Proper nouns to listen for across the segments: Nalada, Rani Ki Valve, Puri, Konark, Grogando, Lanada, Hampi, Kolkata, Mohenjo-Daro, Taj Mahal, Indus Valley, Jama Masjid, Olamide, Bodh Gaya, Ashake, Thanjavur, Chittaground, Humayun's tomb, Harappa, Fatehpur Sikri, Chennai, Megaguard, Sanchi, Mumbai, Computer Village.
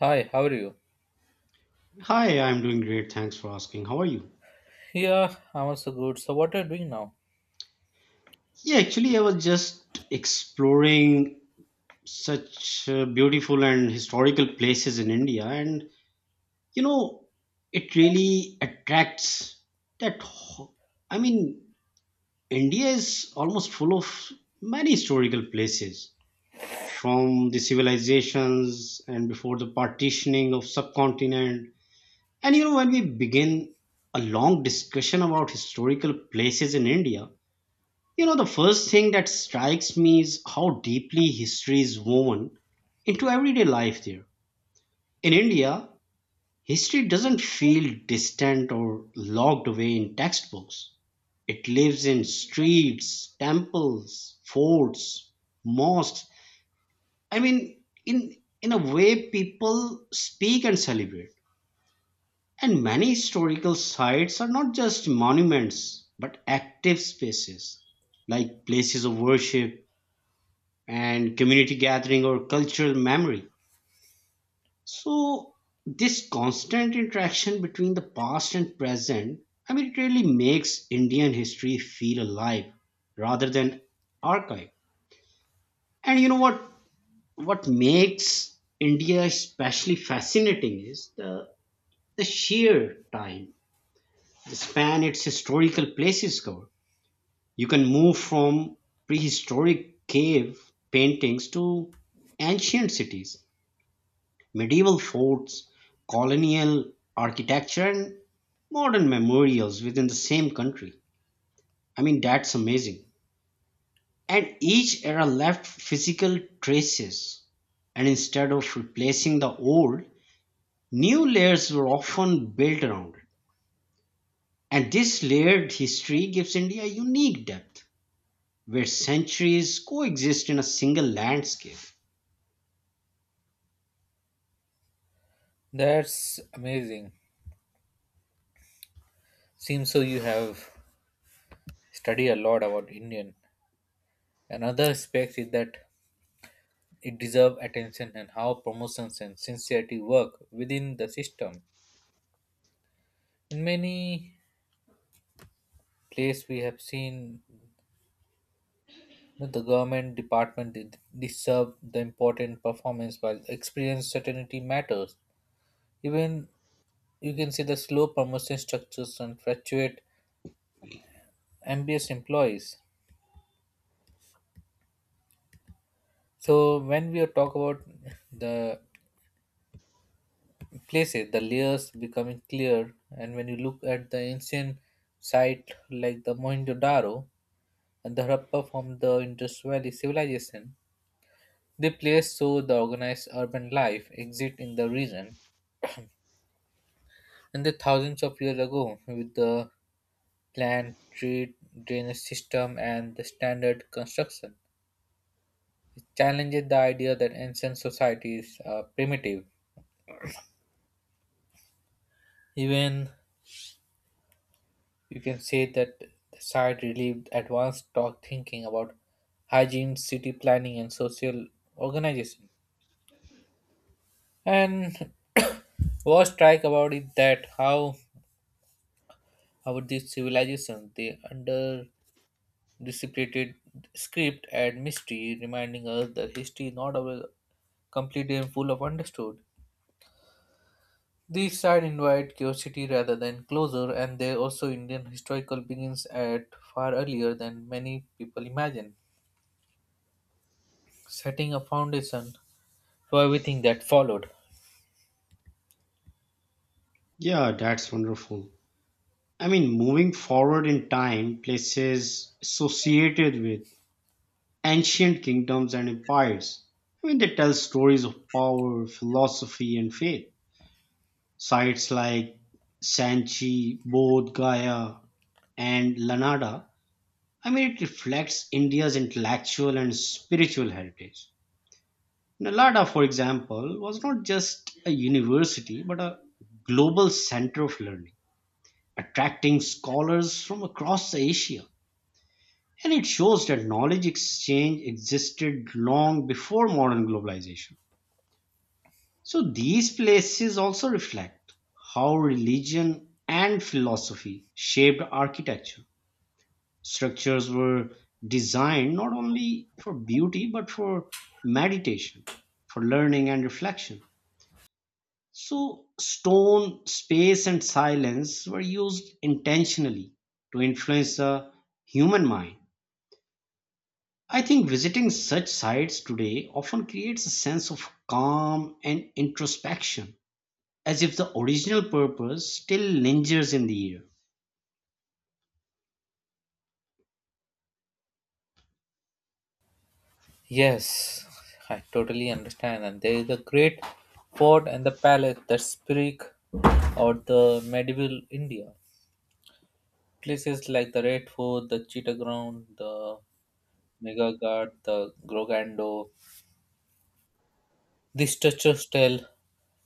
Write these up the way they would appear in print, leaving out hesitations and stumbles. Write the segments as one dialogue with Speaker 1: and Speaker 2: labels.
Speaker 1: Hi, how are you?
Speaker 2: Hi, I'm doing great. Thanks for asking. How are you?
Speaker 1: Yeah, I'm also good. So, what are you doing now?
Speaker 2: Yeah, actually, I was just exploring such beautiful and historical places in India, and you know, it really attracts that. ho- I mean, India is almost full of many historical places from the civilizations and before the partitioning of subcontinent. And you know, when we begin a long discussion about historical places in India, you know, the first thing that strikes me is how deeply history is woven into everyday life there. In India, history doesn't feel distant or locked away in textbooks. It lives in streets, temples, forts, mosques. I mean, in a way, people speak and celebrate. And many historical sites are not just monuments, but active spaces like places of worship and community gathering or cultural memory. So, this constant interaction between the past and present, I mean, it really makes Indian history feel alive rather than archive. And you know what? What makes India especially fascinating is the sheer time, the span its historical places cover. You can move from prehistoric cave paintings to ancient cities, medieval forts, colonial architecture and modern memorials within the same country. I mean, that's amazing. And each era left physical traces. And instead of replacing the old, new layers were often built around it. And this layered history gives India unique depth, where centuries coexist in a single landscape.
Speaker 1: That's amazing. Seems so you have studied a lot about Indian. Another aspect is that it deserves attention and how promotions and sincerity work within the system. In many places, we have seen that the government department did they serve the important performance while experience certainty matters. Even you can see the slow promotion structures and fluctuate ambitious employees. So when we talk about the places, the layers becoming clear, and when you look at the ancient site like the Mohenjo-Daro and the Harappa from the Indus Valley civilization, they place so the organized urban life exist in the region, and the thousands of years ago with the planned trade drainage system and the standard construction. It challenges the idea that ancient societies are primitive. Even you can say that the site relieved advanced talk thinking about hygiene, city planning, and social organization. And what strike about it that how about these civilizations they under dissipated script and mystery, reminding us that history is not always completely and full of understood. These side invite curiosity rather than closure, and they also Indian historical begins at far earlier than many people imagine, setting a foundation for everything that followed.
Speaker 2: Yeah, that's wonderful. I mean, moving forward in time, places associated with ancient kingdoms and empires. I mean, they tell stories of power, philosophy, and faith. Sites like Sanchi, Bodh Gaya, and Lanada. I mean, it reflects India's intellectual and spiritual heritage. Nalada, for example, was not just a university but a global center of learning, attracting scholars from across Asia. And it shows that knowledge exchange existed long before modern globalization. So these places also reflect how religion and philosophy shaped architecture. Structures were designed not only for beauty but for meditation, for learning and reflection. So stone, space, and silence were used intentionally to influence the human mind. I think visiting such sites today often creates a sense of calm and introspection as if the original purpose still lingers in the air.
Speaker 1: Yes, I totally understand. And there is a great fort and the palace that speak or the medieval India. Places like the Red Fort, the Chittaground, the Megaguard, the Grogando. These structures tell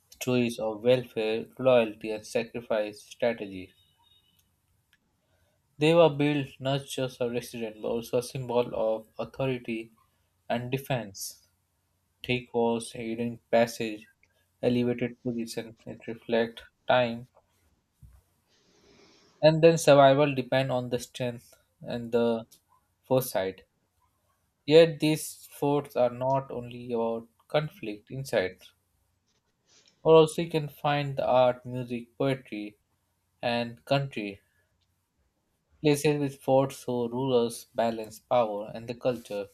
Speaker 1: stories of welfare, loyalty, and sacrifice strategy. They were built not just as residents but also a symbol of authority and defense. Take walls, hidden passage, elevated position. It reflects time, and then survival depend on the strength and the foresight. Yet these forts are not only about conflict inside, or also you can find the art, music, poetry, and country places with forts so rulers balance power and the culture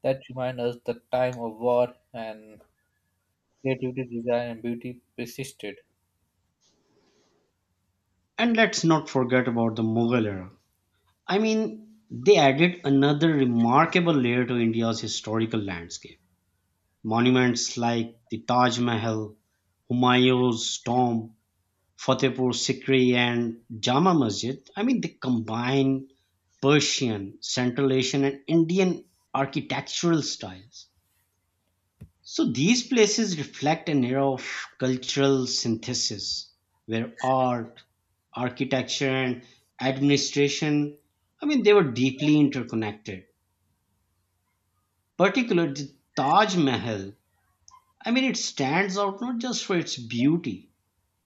Speaker 1: that remind us the time of war and creativity, desire, and beauty persisted.
Speaker 2: And let's not forget about the Mughal era. I mean, they added another remarkable layer to India's historical landscape. Monuments like the Taj Mahal, Humayun's tomb, Fatehpur Sikri, and Jama Masjid, I mean, they combine Persian, Central Asian, and Indian architectural styles. So these places reflect an era of cultural synthesis where art, architecture, and administration, I mean, they were deeply interconnected. Particularly the Taj Mahal, I mean, it stands out not just for its beauty,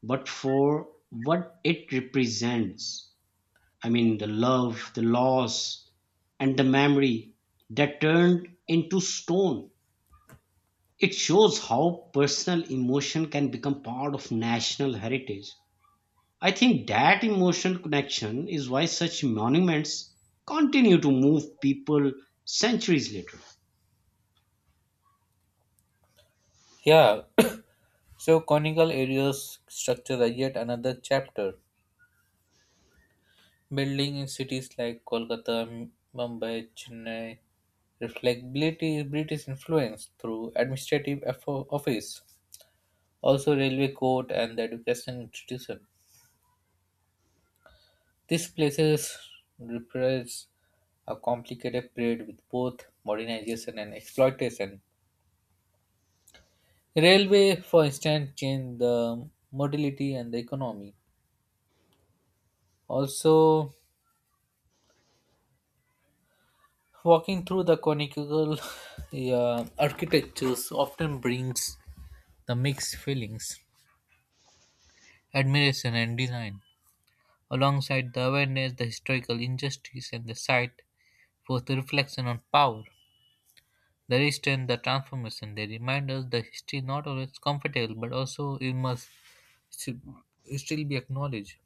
Speaker 2: but for what it represents. I mean, the love, the loss, and the memory that turned into stone. It shows how personal emotion can become part of national heritage. I think that emotional connection is why such monuments continue to move people centuries later.
Speaker 1: Yeah, so conical areas structure are yet another chapter. Building in cities like Kolkata, Mumbai, Chennai reflect British influence through administrative office, also railway court and the education institution. These places represent a complicated period with both modernization and exploitation. Railway, for instance, changed the modality and the economy. Also, walking through the conical yeah, architectures often brings the mixed feelings, admiration and design, alongside the awareness, the historical injustice, and the sight for the reflection on power, the resistance, the transformation. They remind us the history not always comfortable, but also it must still still be acknowledged.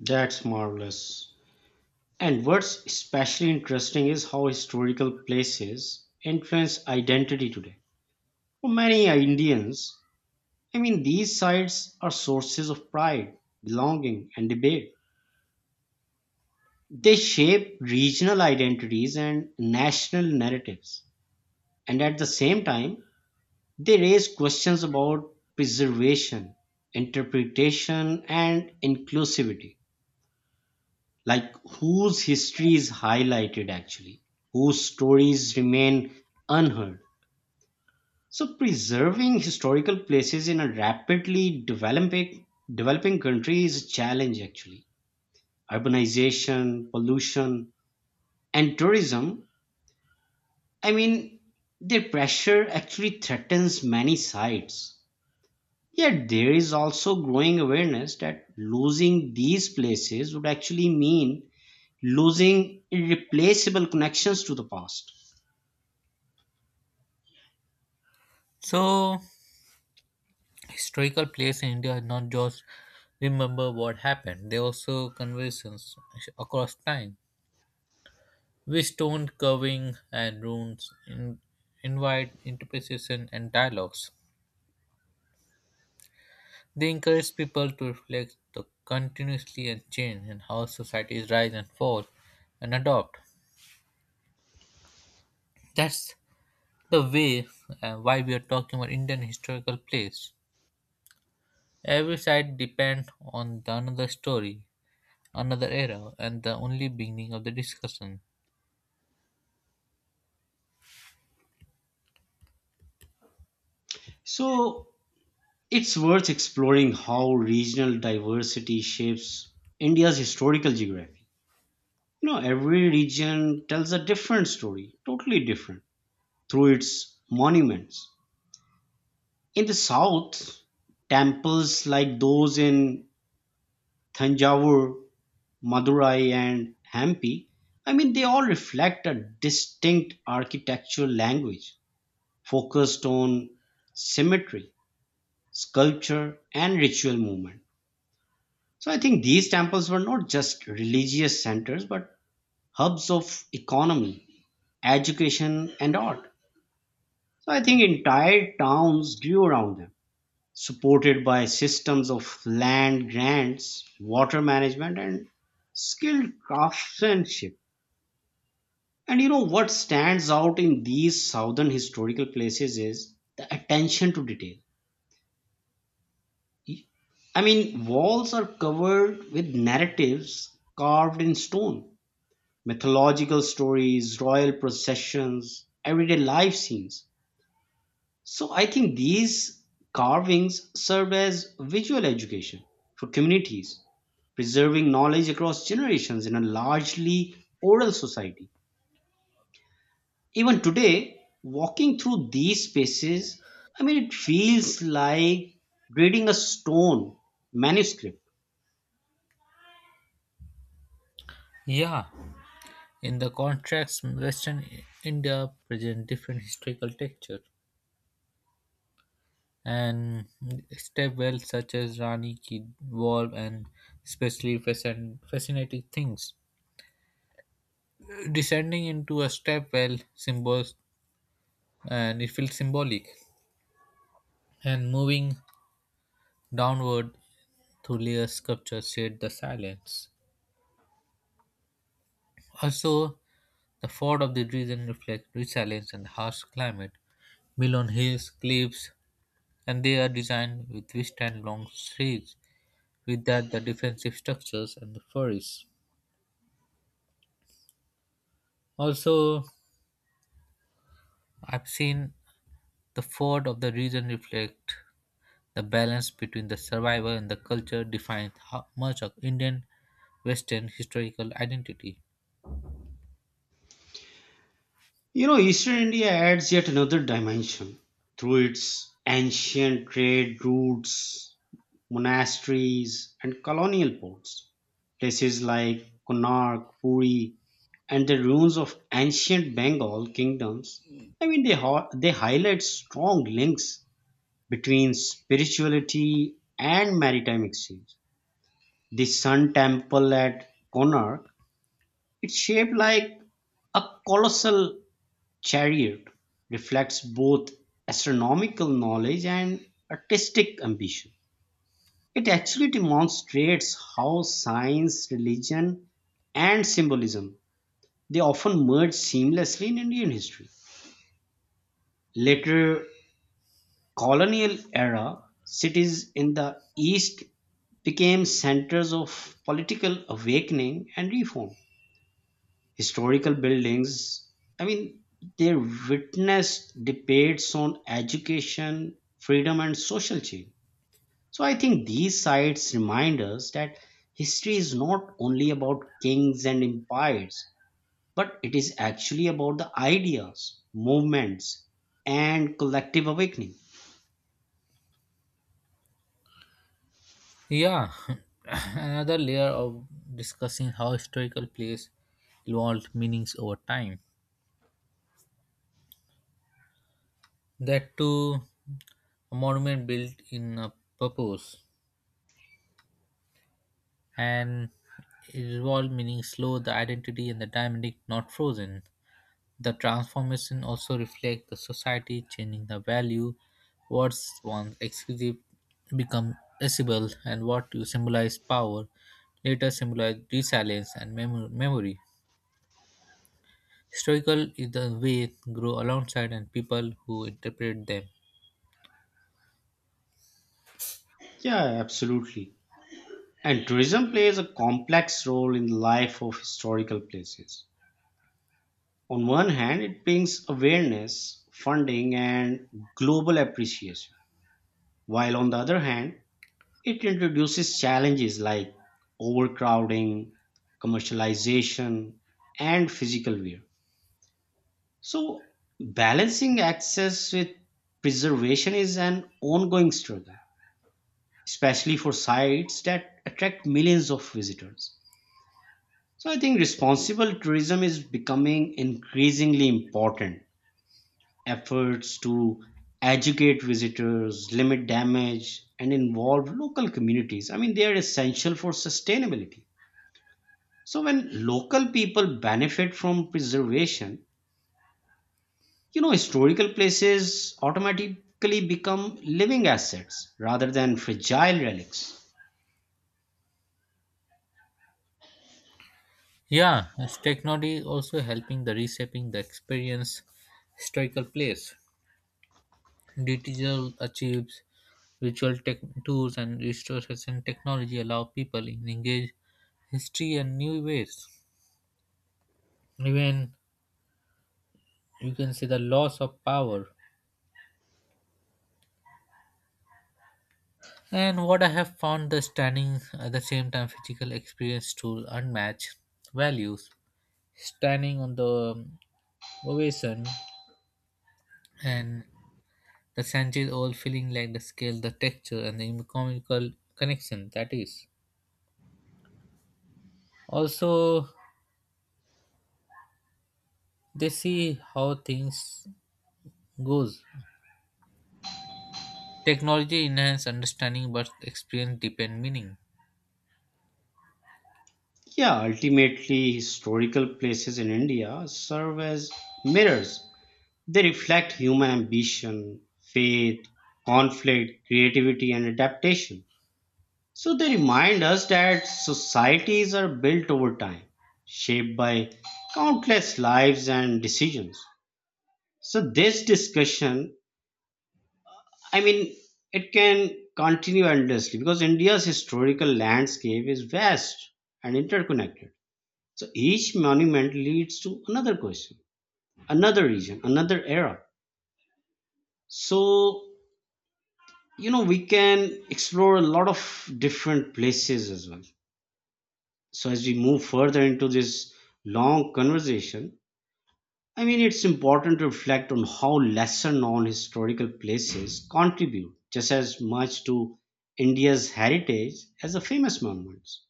Speaker 2: That's marvelous. And what's especially interesting is how historical places influence identity today. For many Indians, I mean, these sites are sources of pride, belonging, and debate. They shape regional identities and national narratives, and at the same time, they raise questions about preservation, interpretation, and inclusivity. Like, whose history is highlighted actually, whose stories remain unheard. So, preserving historical places in a rapidly developing country is a challenge actually. Urbanization, pollution, and tourism, I mean, their pressure actually threatens many sites. Yet there is also growing awareness that losing these places would actually mean losing irreplaceable connections to the past.
Speaker 1: So, historical place in India is not just remember what happened; they also conversations across time with stone carving and runes in, invite interpretation and dialogues. They encourage people to reflect the continuously and change and how societies rise and fall and adopt. That's the way why we are talking about Indian historical place. Every site depends on the another story, another era, and the only beginning of the discussion.
Speaker 2: So it's worth exploring how regional diversity shapes India's historical geography. You know, every region tells a different story, totally different, through its monuments. In the south, temples like those in Thanjavur, Madurai, and Hampi, I mean, they all reflect a distinct architectural language focused on symmetry, sculpture, and ritual movement. So I think these temples were not just religious centers but hubs of economy, education, and art. So I think entire towns grew around them supported by systems of land grants, water management, and skilled craftsmanship. And you know what stands out in these southern historical places is the attention to detail. I mean, walls are covered with narratives carved in stone, mythological stories, royal processions, everyday life scenes. So I think these carvings serve as visual education for communities, preserving knowledge across generations in a largely oral society. Even today, walking through these spaces, I mean, it feels like reading a stone manuscript.
Speaker 1: Yeah, in the contracts, Western India present different historical texture, and step wells such as Rani Ki Valve and especially fascinating things. Descending into a step well symbols and it feels symbolic, and moving downward through layer sculptures shade the silence. Also, the ford of the region reflects resilience and harsh climate, built on hills, cliffs, and they are designed with withstand long streets, with that the defensive structures and the forests. Also, I've seen the ford of the region reflect the balance between the survival and the culture defines how much of Indian Western historical identity.
Speaker 2: You know, Eastern India adds yet another dimension through its ancient trade routes, monasteries, and colonial ports. Places like Konark, Puri, and the ruins of ancient Bengal kingdoms. I mean, they highlight strong links between spirituality and maritime exchange. The Sun Temple at Konark, it's shaped like a colossal chariot, reflects both astronomical knowledge and artistic ambition. It actually demonstrates how science, religion, and symbolism, they often merge seamlessly in Indian history. Later colonial era cities in the east became centers of political awakening and reform. Historical buildings, I mean, they witnessed debates on education, freedom, and social change. So I think these sites remind us that history is not only about kings and empires, but it is actually about the ideas, movements, and collective awakening.
Speaker 1: Yeah, another layer of discussing how historical place evolved meanings over time. That too, a monument built in a purpose and evolved meaning slow, the identity and the dynamic not frozen. The transformation also reflects the society changing the value what's once exclusive become accessible and what you symbolize power later symbolize resilience and memory. Historical is the way grow alongside and people who interpret them.
Speaker 2: Yeah, absolutely. And tourism plays a complex role in the life of historical places. On one hand, it brings awareness, funding, and global appreciation. While on the other hand, it introduces challenges like overcrowding, commercialization, and physical wear. So, balancing access with preservation is an ongoing struggle, especially for sites that attract millions of visitors. So, I think responsible tourism is becoming increasingly important. Efforts to educate visitors, limit damage, and involve local communities. I mean, they are essential for sustainability. So when local people benefit from preservation, you know, historical places automatically become living assets rather than fragile relics.
Speaker 1: Yeah, as technology is also helping the reshaping the experience historical place. Digital achieves virtual tech tools and restoration technology allow people to engage history and new ways. Even you can see the loss of power. And what I have found the standing at the same time physical experience to unmatched values. Standing on the ovation and the Sanchez all feeling like the scale, the texture and the economical connection that is. Also they see how things goes. Technology enhance understanding but experience depend meaning.
Speaker 2: Yeah, ultimately, historical places in India serve as mirrors. They reflect human ambition, faith, conflict, creativity, and adaptation. So they remind us that societies are built over time, shaped by countless lives and decisions. So this discussion, I mean, it can continue endlessly because India's historical landscape is vast and interconnected. So each monument leads to another question, another region, another era. So, you know, we can explore a lot of different places as well. So as we move further into this long conversation, I mean, it's important to reflect on how lesser known historical places contribute just as much to India's heritage as the famous monuments.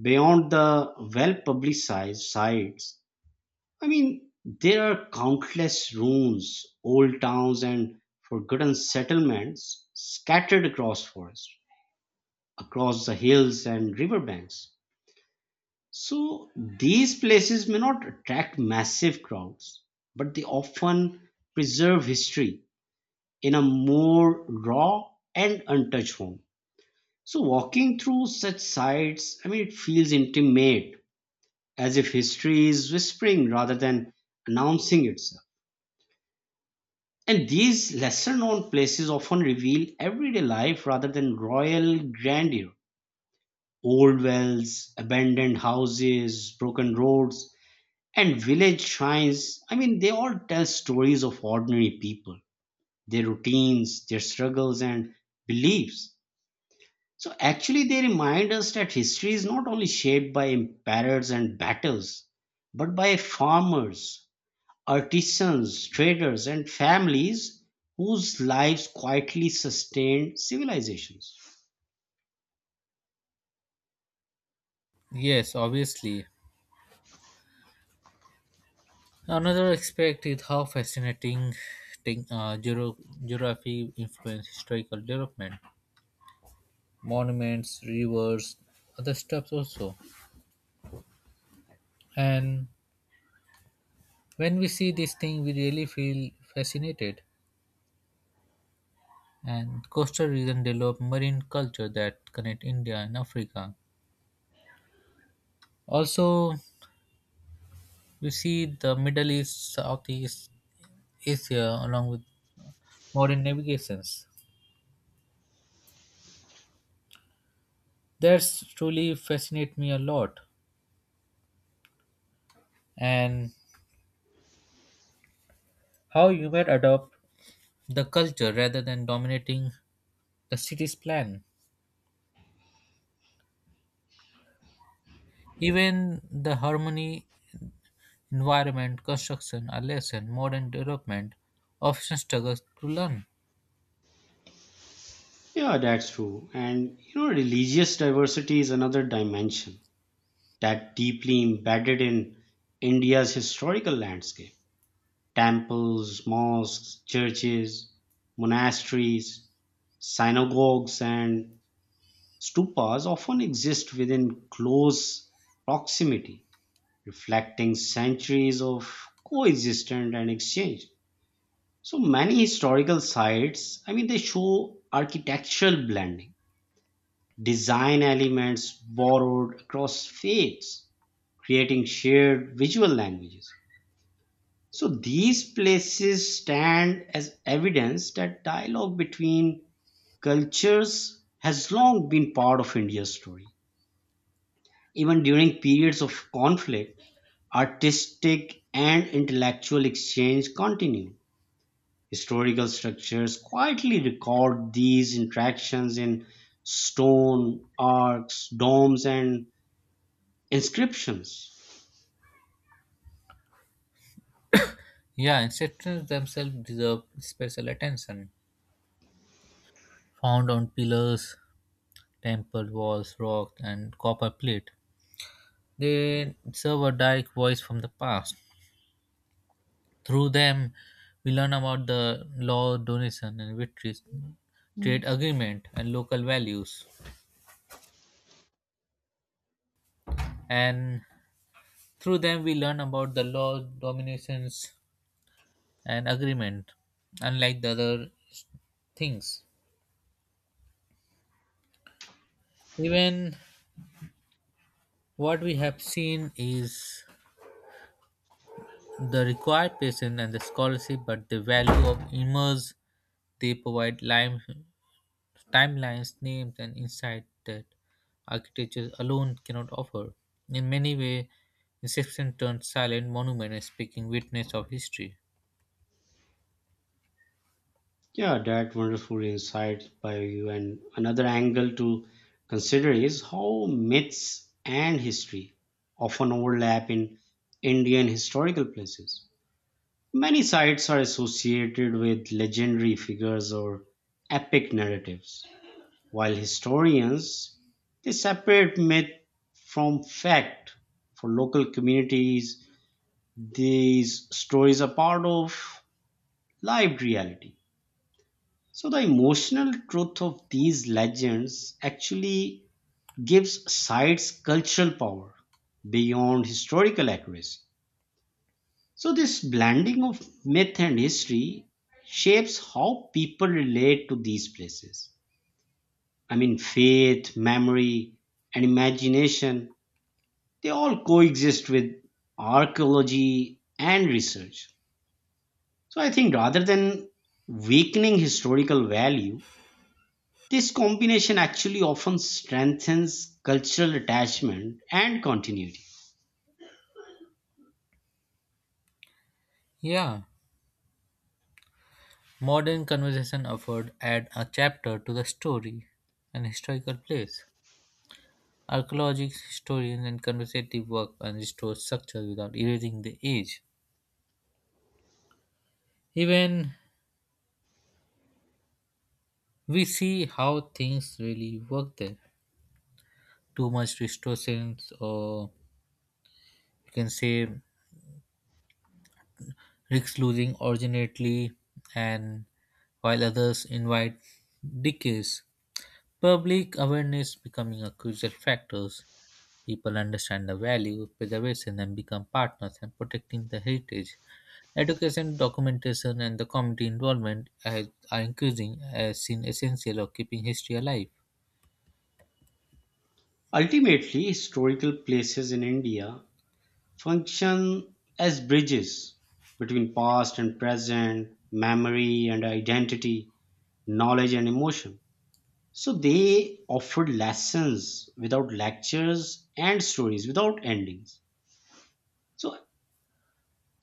Speaker 2: Beyond the well publicized sites, I mean, there are countless ruins, old towns, and forgotten settlements scattered across forests, across the hills and riverbanks. So these places may not attract massive crowds, but they often preserve history in a more raw and untouched form. So walking through such sites, I mean, it feels intimate, as if history is whispering rather than announcing itself. And these lesser known places often reveal everyday life rather than royal grandeur. Old wells, abandoned houses, broken roads, and village shrines, I mean, they all tell stories of ordinary people, their routines, their struggles, and beliefs. So actually, they remind us that history is not only shaped by emperors and battles, but by farmers, artisans, traders, and families whose lives quietly sustained civilizations.
Speaker 1: Yes, obviously. Another aspect is how fascinating thing, geography influence historical development, monuments, rivers, other stuff also. And when we see this thing, we really feel fascinated. And coastal region develop marine culture that connect India and Africa. Also, we see the Middle East, Southeast Asia along with modern navigations. That's truly fascinate me a lot. And how you might adopt the culture rather than dominating the city's plan. Even the harmony, environment, construction, a lesson, modern development often struggles to learn.
Speaker 2: Yeah, that's true. And you know, religious diversity is another dimension that deeply embedded in India's historical landscape. Temples, mosques, churches, monasteries, synagogues, and stupas often exist within close proximity, reflecting centuries of coexistence and exchange. So many historical sites, I mean, they show architectural blending, design elements borrowed across faiths, creating shared visual languages. So these places stand as evidence that dialogue between cultures has long been part of India's story. Even during periods of conflict, artistic and intellectual exchange continue. Historical structures quietly record these interactions in stone, arcs, domes, and inscriptions.
Speaker 1: Yeah, and sectors themselves deserve special attention. Found on pillars, temple walls, rocks, and copper plate, they serve a direct voice from the past. Through them, we learn about the law, donation, and victories, trade agreement, and local values. And through them, we learn about the law, dominations, and agreement, unlike the other things. Even what we have seen is the required patience and the scholarship, but the value of immerse they provide lime, timelines, names, and insight that architecture alone cannot offer. In many ways, Inception turns silent monument as speaking witness of history.
Speaker 2: Yeah, that wonderful insight by you. And another angle to consider is how myths and history often overlap in Indian historical places. Many sites are associated with legendary figures or epic narratives, while historians, they separate myth from fact. For local communities, these stories are part of lived reality. So, the emotional truth of these legends actually gives sites cultural power beyond historical accuracy. So, this blending of myth and history shapes how people relate to these places. I mean, faith, memory, and imagination, they all coexist with archaeology and research. So, I think rather than weakening historical value, this combination actually often strengthens cultural attachment and continuity.
Speaker 1: Yeah, modern conversation effort add a chapter to the story, an historical place. Archaeologists, historians, and conversative work can restore structure without erasing the age. Even we see how things really work there. Too much distortions, or you can say risks losing originality, and while others invite decays. Public awareness becoming a crucial factor. People understand the value of preservation and become partners in protecting the heritage. Education, documentation, and the community involvement are increasing as seen essential of keeping history alive.
Speaker 2: Ultimately, historical places in India function as bridges between past and present, memory and identity, knowledge and emotion. So they offered lessons without lectures and stories without endings. So,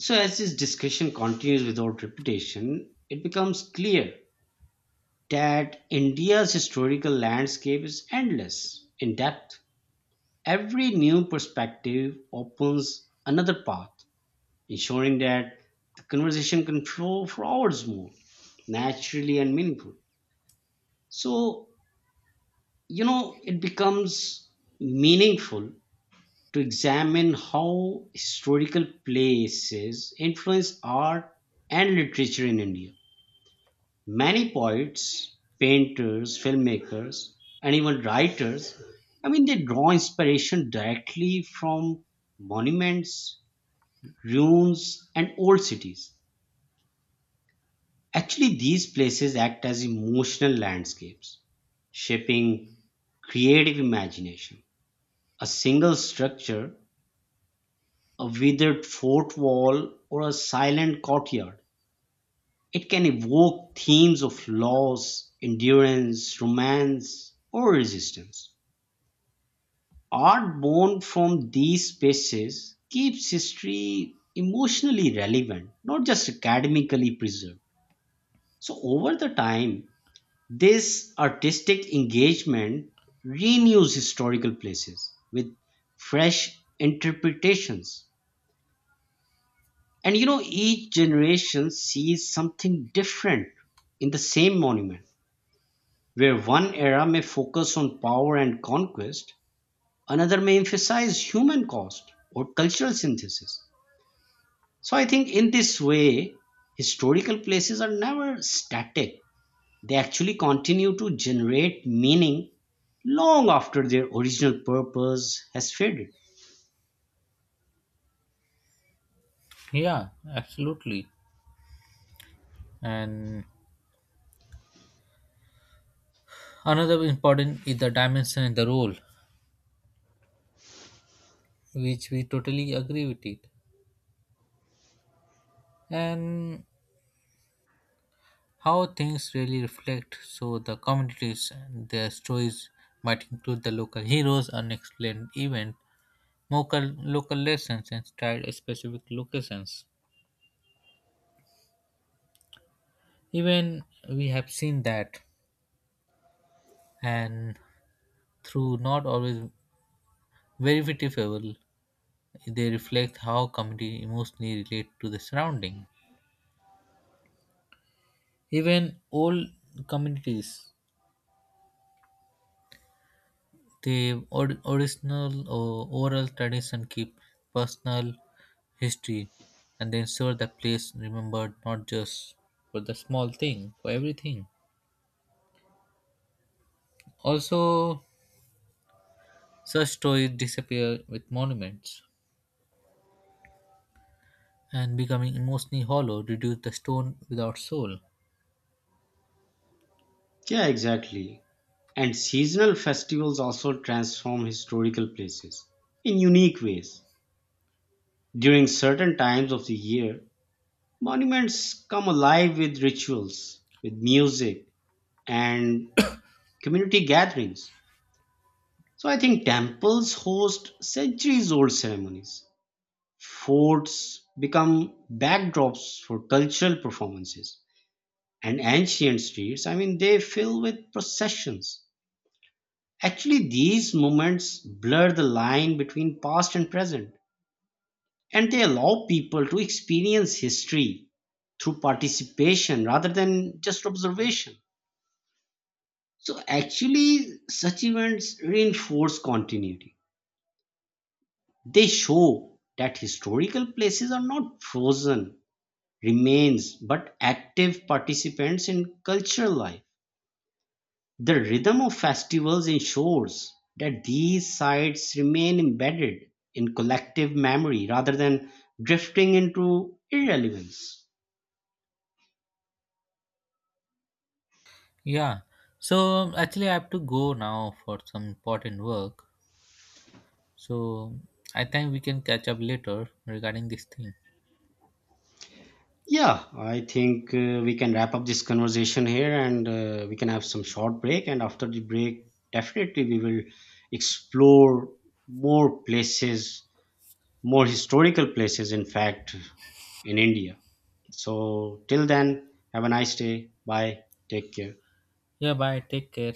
Speaker 2: so as this discussion continues without repetition, it becomes clear that India's historical landscape is endless in depth. Every new perspective opens another path, ensuring that the conversation can flow for hours more, naturally and meaningful. So, you know, it becomes meaningful to examine how historical places influence art and literature in India. Many poets, painters, filmmakers, and even writers, I mean, they draw inspiration directly from monuments, ruins, and old cities. Actually, these places act as emotional landscapes, shaping creative imagination. A single structure, a withered fort wall, or a silent courtyard, it can evoke themes of loss, endurance, romance, or resistance. Art born from these spaces keeps history emotionally relevant, not just academically preserved. So, over the time, this artistic engagement renews historical places with fresh interpretations. And you know, each generation sees something different in the same monument. Where one era may focus on power and conquest, another may emphasize human cost or cultural synthesis. So I think in this way, historical places are never static. They actually continue to generate meaning long after their original purpose has faded.
Speaker 1: Yeah, absolutely. And another important is the dimension and the role, which we totally agree with it. And how things really reflect so the communities and their stories might include the local heroes, unexplained event, local lessons and tried specific locations, even we have seen that, and through not always verifiable they reflect how community emotionally relate to the surrounding, even old communities the original or oral tradition keep personal history and they ensure the place remembered not just for the small thing for everything. Also such stories disappear with monuments and becoming emotionally hollow, reduce the stone without soul.
Speaker 2: Yeah, exactly. And seasonal festivals also transform historical places in unique ways. During certain times of the year, monuments come alive with rituals, with music, and community gatherings. So I think temples host centuries old ceremonies. Forts become backdrops for cultural performances. And ancient streets, I mean, they fill with processions. Actually, these moments blur the line between past and present, and they allow people to experience history through participation rather than just observation. So actually, such events reinforce continuity. They show that historical places are not frozen remains but active participants in cultural life. The rhythm of festivals ensures that these sites remain embedded in collective memory rather than drifting into irrelevance.
Speaker 1: Yeah. So actually, I have to go now for some important work. So I think we can catch up later regarding this thing.
Speaker 2: Yeah, I think we can wrap up this conversation here and we can have some short break. And after the break, definitely we will explore more places, more historical places, in fact, in India. So, till then, have a nice day. Bye. Take care.
Speaker 1: Yeah. Bye. Take care.